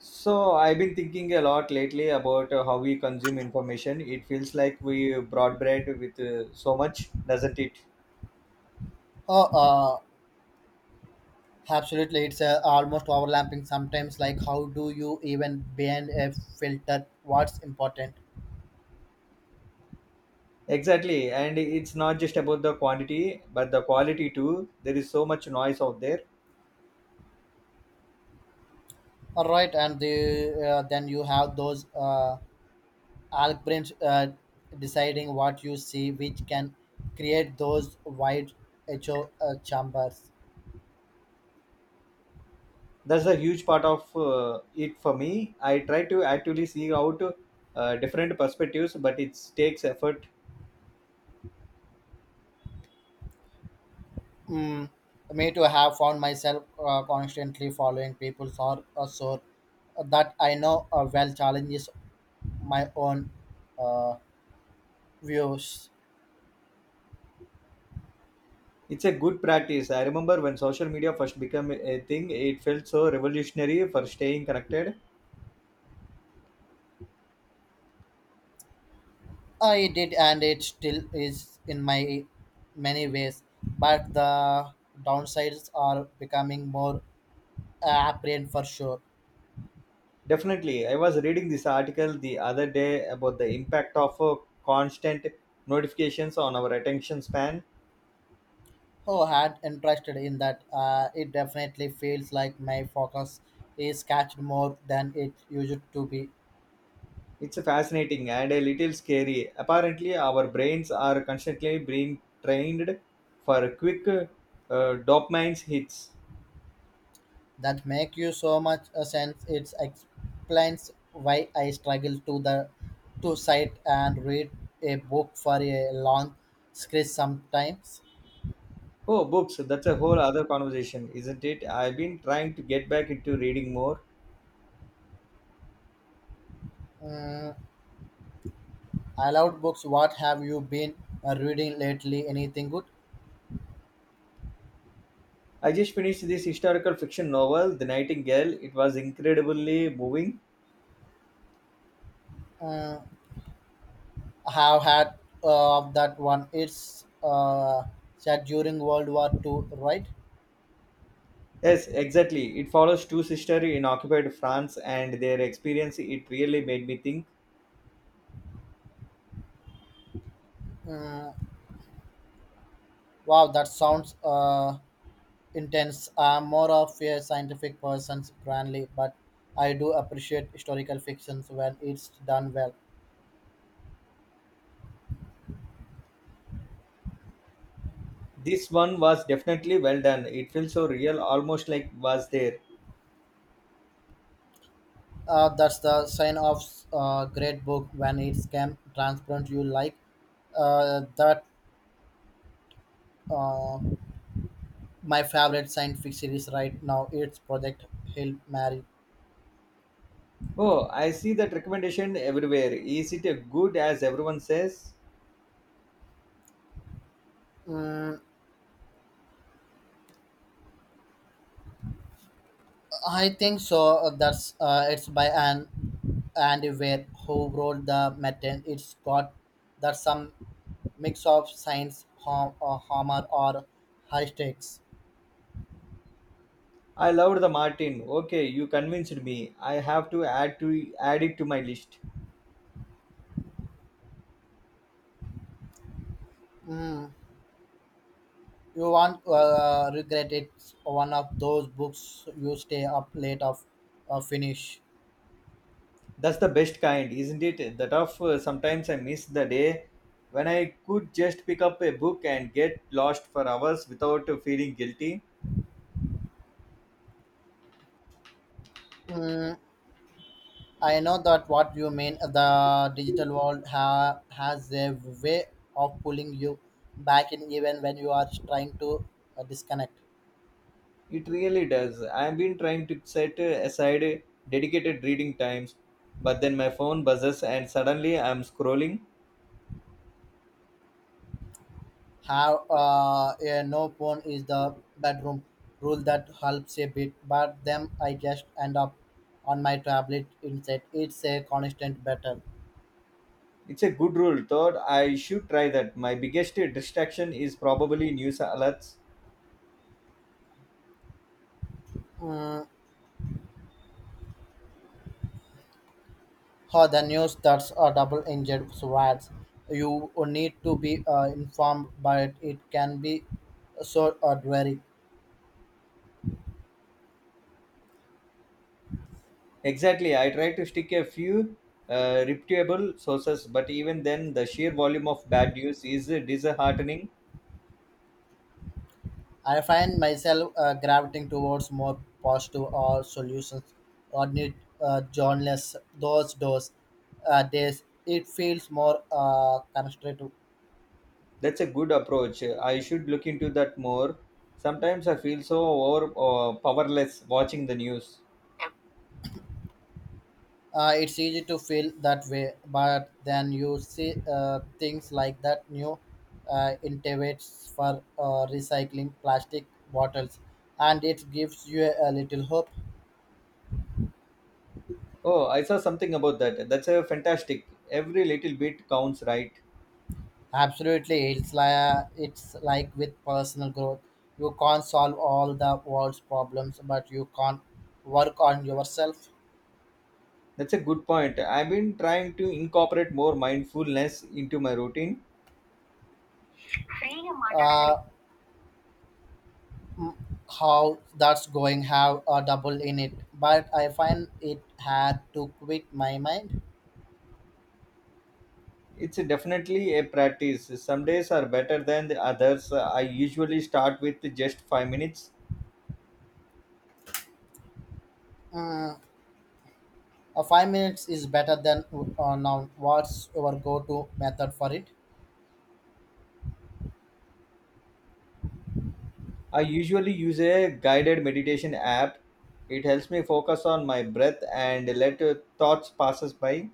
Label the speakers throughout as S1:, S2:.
S1: So I've been thinking a lot lately about how we consume information. It feels like we broadbread with so much, doesn't it?
S2: Oh, absolutely. It's almost overlapping sometimes. Like, how do you even bend a filter? What's important?
S1: Exactly, and it's not just about the quantity, but the quality too. There is so much noise out there.
S2: All right, then you have those algorithms deciding what you see, which can create those wide echo chambers.
S1: That's a huge part of it for me. I try to actually see out different perspectives, but it takes effort.
S2: Mm, me too. Have found myself constantly following people or so that I know well challenges my own uh, views.
S1: It's a good practice. I remember when social media first became a thing, it felt so revolutionary for staying connected.
S2: I did, and it still is in my many ways. But the downsides are becoming more apparent for sure.
S1: Definitely. I was reading this article the other day about the impact of constant notifications on our attention span.
S2: Who had interested in that? It definitely feels like my focus is catched more than it used to be.
S1: It's fascinating and a little scary. Apparently, our brains are constantly being trained for quick dopamine hits.
S2: That make you so much a sense. It explains why I struggle to cite and read a book for a long stretch sometimes.
S1: Oh, books. That's a whole other conversation, isn't it? I've been trying to get back into reading more.
S2: Mm, I loved books. What have you been reading lately? Anything good?
S1: I just finished this historical fiction novel, The Nightingale. It was incredibly moving.
S2: Mm, I have had that one. It's set during World War Two, right?
S1: Yes, exactly. It follows two sisters in occupied France and their experience. It really made me think.
S2: Wow, that sounds intense. I'm more of a scientific person, grandly, but I do appreciate historical fictions when it's done well.
S1: This one was definitely well done. It feels so real, almost like was there.
S2: That's the sign of great book when it's can transparent you like that uh, my favorite scientific series right now it's project hail mary.
S1: Oh, I see that recommendation everywhere. Is it a good as everyone says?
S2: Mm, I think so. That's It's by an andy Weir who wrote the material. It's got that some mix of science humor or high stakes.
S1: I loved the Martin. Okay, you convinced me. I have to add it to my list.
S2: You won't regret it. It's one of those books you stay up late of finish.
S1: That's the best kind, isn't it? The of sometimes I miss the day when I could just pick up a book and get lost for hours without feeling guilty.
S2: Mm, I know that what you mean. The digital world has a way of pulling you back in, even when you are trying to disconnect.
S1: It really does. I've been trying to set aside dedicated reading times, but then my phone buzzes and suddenly I'm scrolling.
S2: How a no phone is the bedroom rule that helps a bit, but then I just end up on my tablet instead. It's a constant battle.
S1: It's a good rule, thought I should try that. My biggest distraction is probably news alerts.
S2: Mm, How the news that's a double engine riots. You need to be informed, but it can be so dreary.
S1: Exactly, I try to stick a few reputable sources, but even then, the sheer volume of bad news is disheartening.
S2: I find myself gravitating towards more positive or solutions or need journalists those doors days it feels more constructive.
S1: That's a good approach. I should look into that more. Sometimes I feel so powerless watching the news.
S2: It's easy to feel that way, but then you see things like that new innovates for recycling plastic bottles, and it gives you a little hope.
S1: Oh, I saw something about that. That's a fantastic. Every little bit counts, right?
S2: Absolutely, it's like with personal growth. You can't solve all the world's problems, but you can't work on yourself.
S1: That's a good point. I've been trying to incorporate more mindfulness into my routine.
S2: Uh, m- how that's going have a double in it, but I find it had to quit my mind.
S1: It's definitely a practice. Some days are better than the others. I usually start with just 5 minutes.
S2: Mm, 5 minutes is better than now. What's your go-to method for it?
S1: I usually use a guided meditation app. It helps me focus on my breath and let thoughts passes by.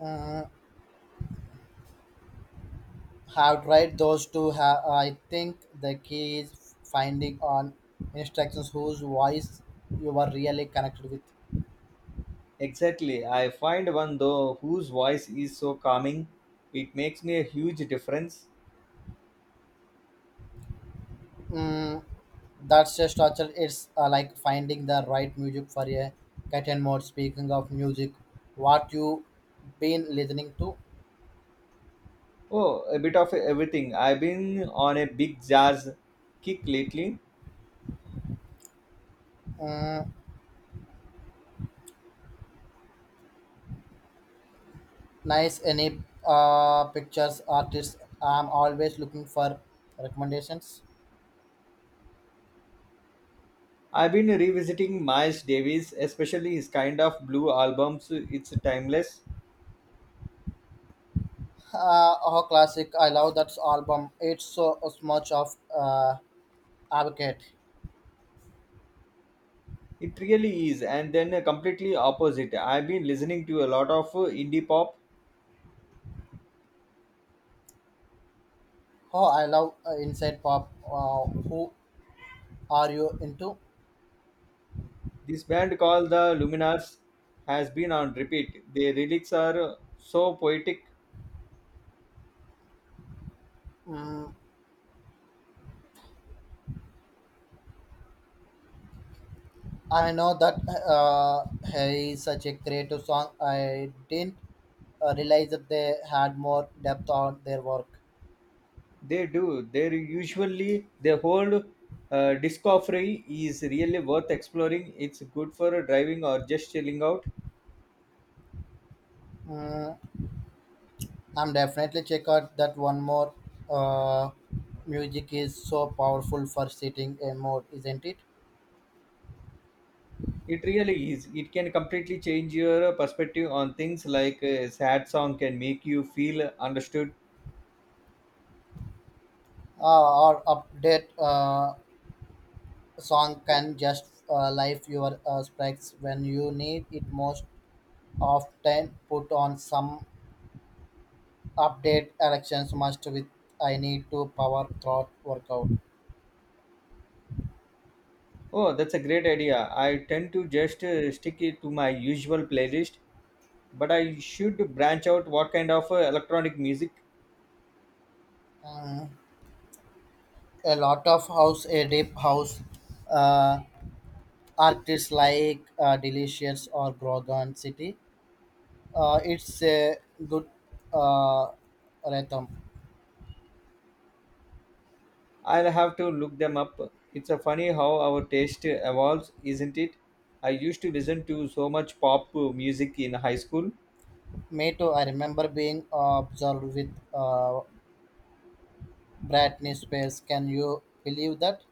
S2: Mm, have tried those two. I think the key is finding on instructions whose voice you are really connected with.
S1: Exactly. I find one though whose voice is so calming. It makes me a huge difference.
S2: Mm, that's a structure. It's like finding the right music for a cat and mouse. Speaking of music, what you been listening to?
S1: Oh, a bit of everything. I've been on a big jazz kick lately.
S2: Mm, nice. Any pictures, artists? I'm always looking for recommendations.
S1: I've been revisiting Miles Davis, especially his kind of blue albums. It's timeless.
S2: Oh, classic! I love that album. It's so, so much of advocate.
S1: It really is. And then completely opposite. I've been listening to a lot of indie pop.
S2: Oh, I love inside pop. Who are you into?
S1: This band called the Luminars has been on repeat. Their lyrics are so poetic.
S2: Mm, I know that uh, he is such a creative song. I didn't realize that they had more depth on their work.
S1: They do. They're usually the whole discovery is really worth exploring. It's good for driving or just chilling out.
S2: Mm, I'm definitely check out that one more. Uh, music is so powerful for setting a mood, isn't it?
S1: It really is. It can completely change your perspective on things like a sad song can make you feel understood.
S2: Or update song can just life your specs when you need it most. Often put on some update elections must with I need to power thought workout.
S1: Oh, that's a great idea. I tend to just stick it to my usual playlist, but I should branch out what kind of electronic music.
S2: A lot of house a deep house uh, artists like Delicious or Grogan City. It's a good uh, rhythm.
S1: I'll have to look them up. It's a funny how our taste evolves, isn't it? I used to listen to so much pop music in high school.
S2: Me too. I remember being observed with Britney Spears. Can you believe that?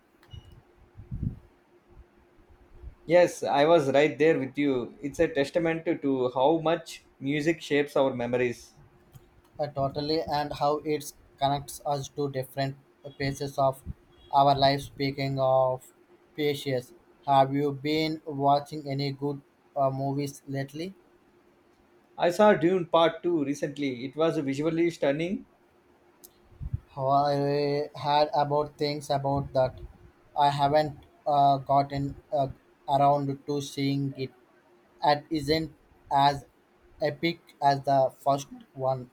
S1: Yes, I was right there with you. It's a testament to how much music shapes our memories.
S2: Totally, and how it connects us to different phases of our life. Speaking of phases, have you been watching any good movies lately?
S1: I saw Dune Part 2 recently. It was visually stunning.
S2: I had about things about that. I haven't gotten around to seeing it. It isn't as epic as the first one.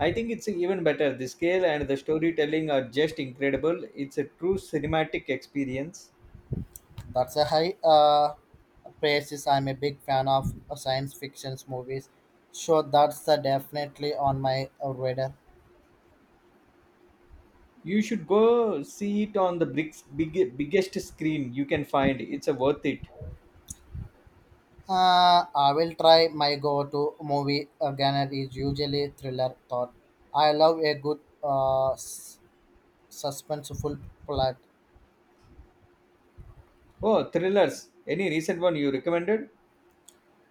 S1: I think it's even better. The scale and the storytelling are just incredible. It's a true cinematic experience.
S2: That's a high praises. I'm a big fan of science fiction movies, so that's definitely on my radar.
S1: You should go see it on the big, big, biggest screen you can find. It's a worth it.
S2: I will try my go-to movie again. Is usually thriller thought. I love a good suspenseful plot.
S1: Oh, thrillers. Any recent one you recommended?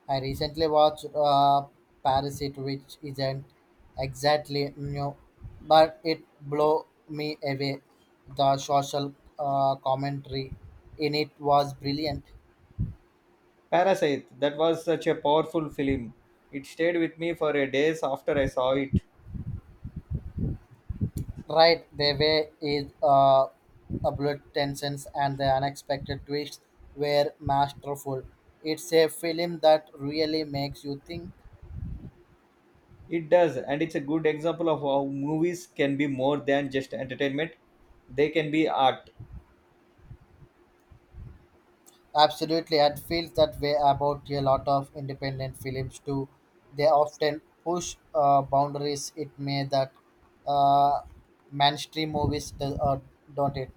S2: I recently watched Parasite, which isn't exactly new, but it blew me away. The social commentary in it was brilliant.
S1: Parasite. That was such a powerful film. It stayed with me for a days after I saw it.
S2: Right, the way is abrupt tensions and the unexpected twists were masterful. It's a film that really makes you think.
S1: It does, and it's a good example of how movies can be more than just entertainment. They can be art.
S2: Absolutely, and feels that way about a lot of independent films too. They often push boundaries. It may that uh, mainstream movies do, don't it.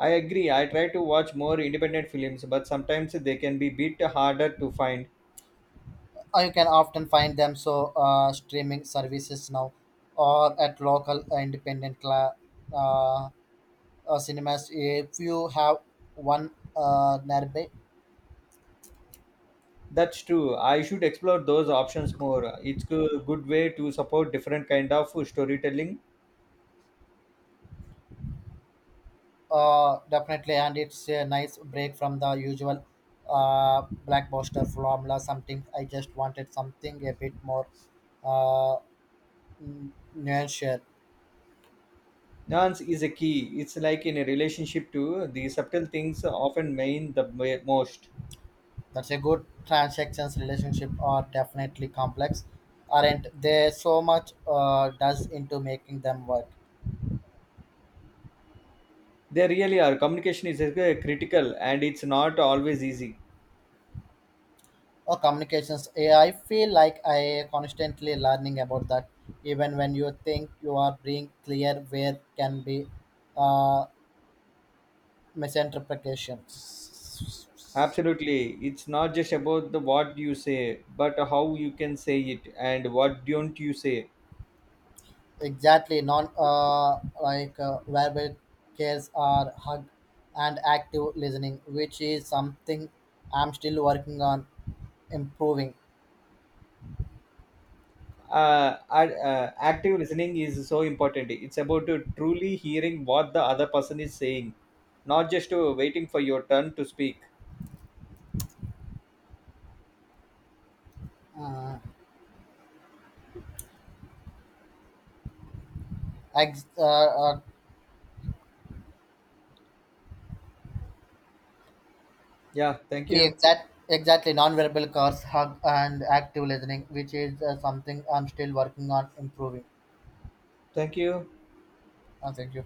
S1: I agree. I try to watch more independent films, but sometimes they can be bit harder to find.
S2: You can often find them so streaming services now, or at local uh, cinemas. If you have one nearby.
S1: That's true. I should explore those options more. It's a good way to support different kind of storytelling.
S2: Definitely, and it's a nice break from the usual blackbuster formula. Something I just wanted something a bit more uh, nuanced.
S1: Nuance is a key. It's like in a relationship too. The subtle things often mean the most.
S2: That's a good transactions relationship are definitely complex, aren't they? So much does into making them work.
S1: They really are. Communication is critical, and it's not always easy.
S2: Or communications AI. I feel like I constantly learning about that. Even when you think you are being clear, where can be uh, misinterpretations.
S1: Absolutely. It's not just about the what you say, but how you can say it and what don't you say.
S2: Exactly, non like verbal cares are hug and active listening, which is something I'm still working on improving.
S1: Active listening is so important. It's about to truly hearing what the other person is saying, not just waiting for your turn to speak.
S2: Uh, ex- uh, uh,
S1: Yeah, thank you.
S2: exactly, non-verbal cars hug and active listening, which is something I'm still working on improving.
S1: Thank you.
S2: Thank you.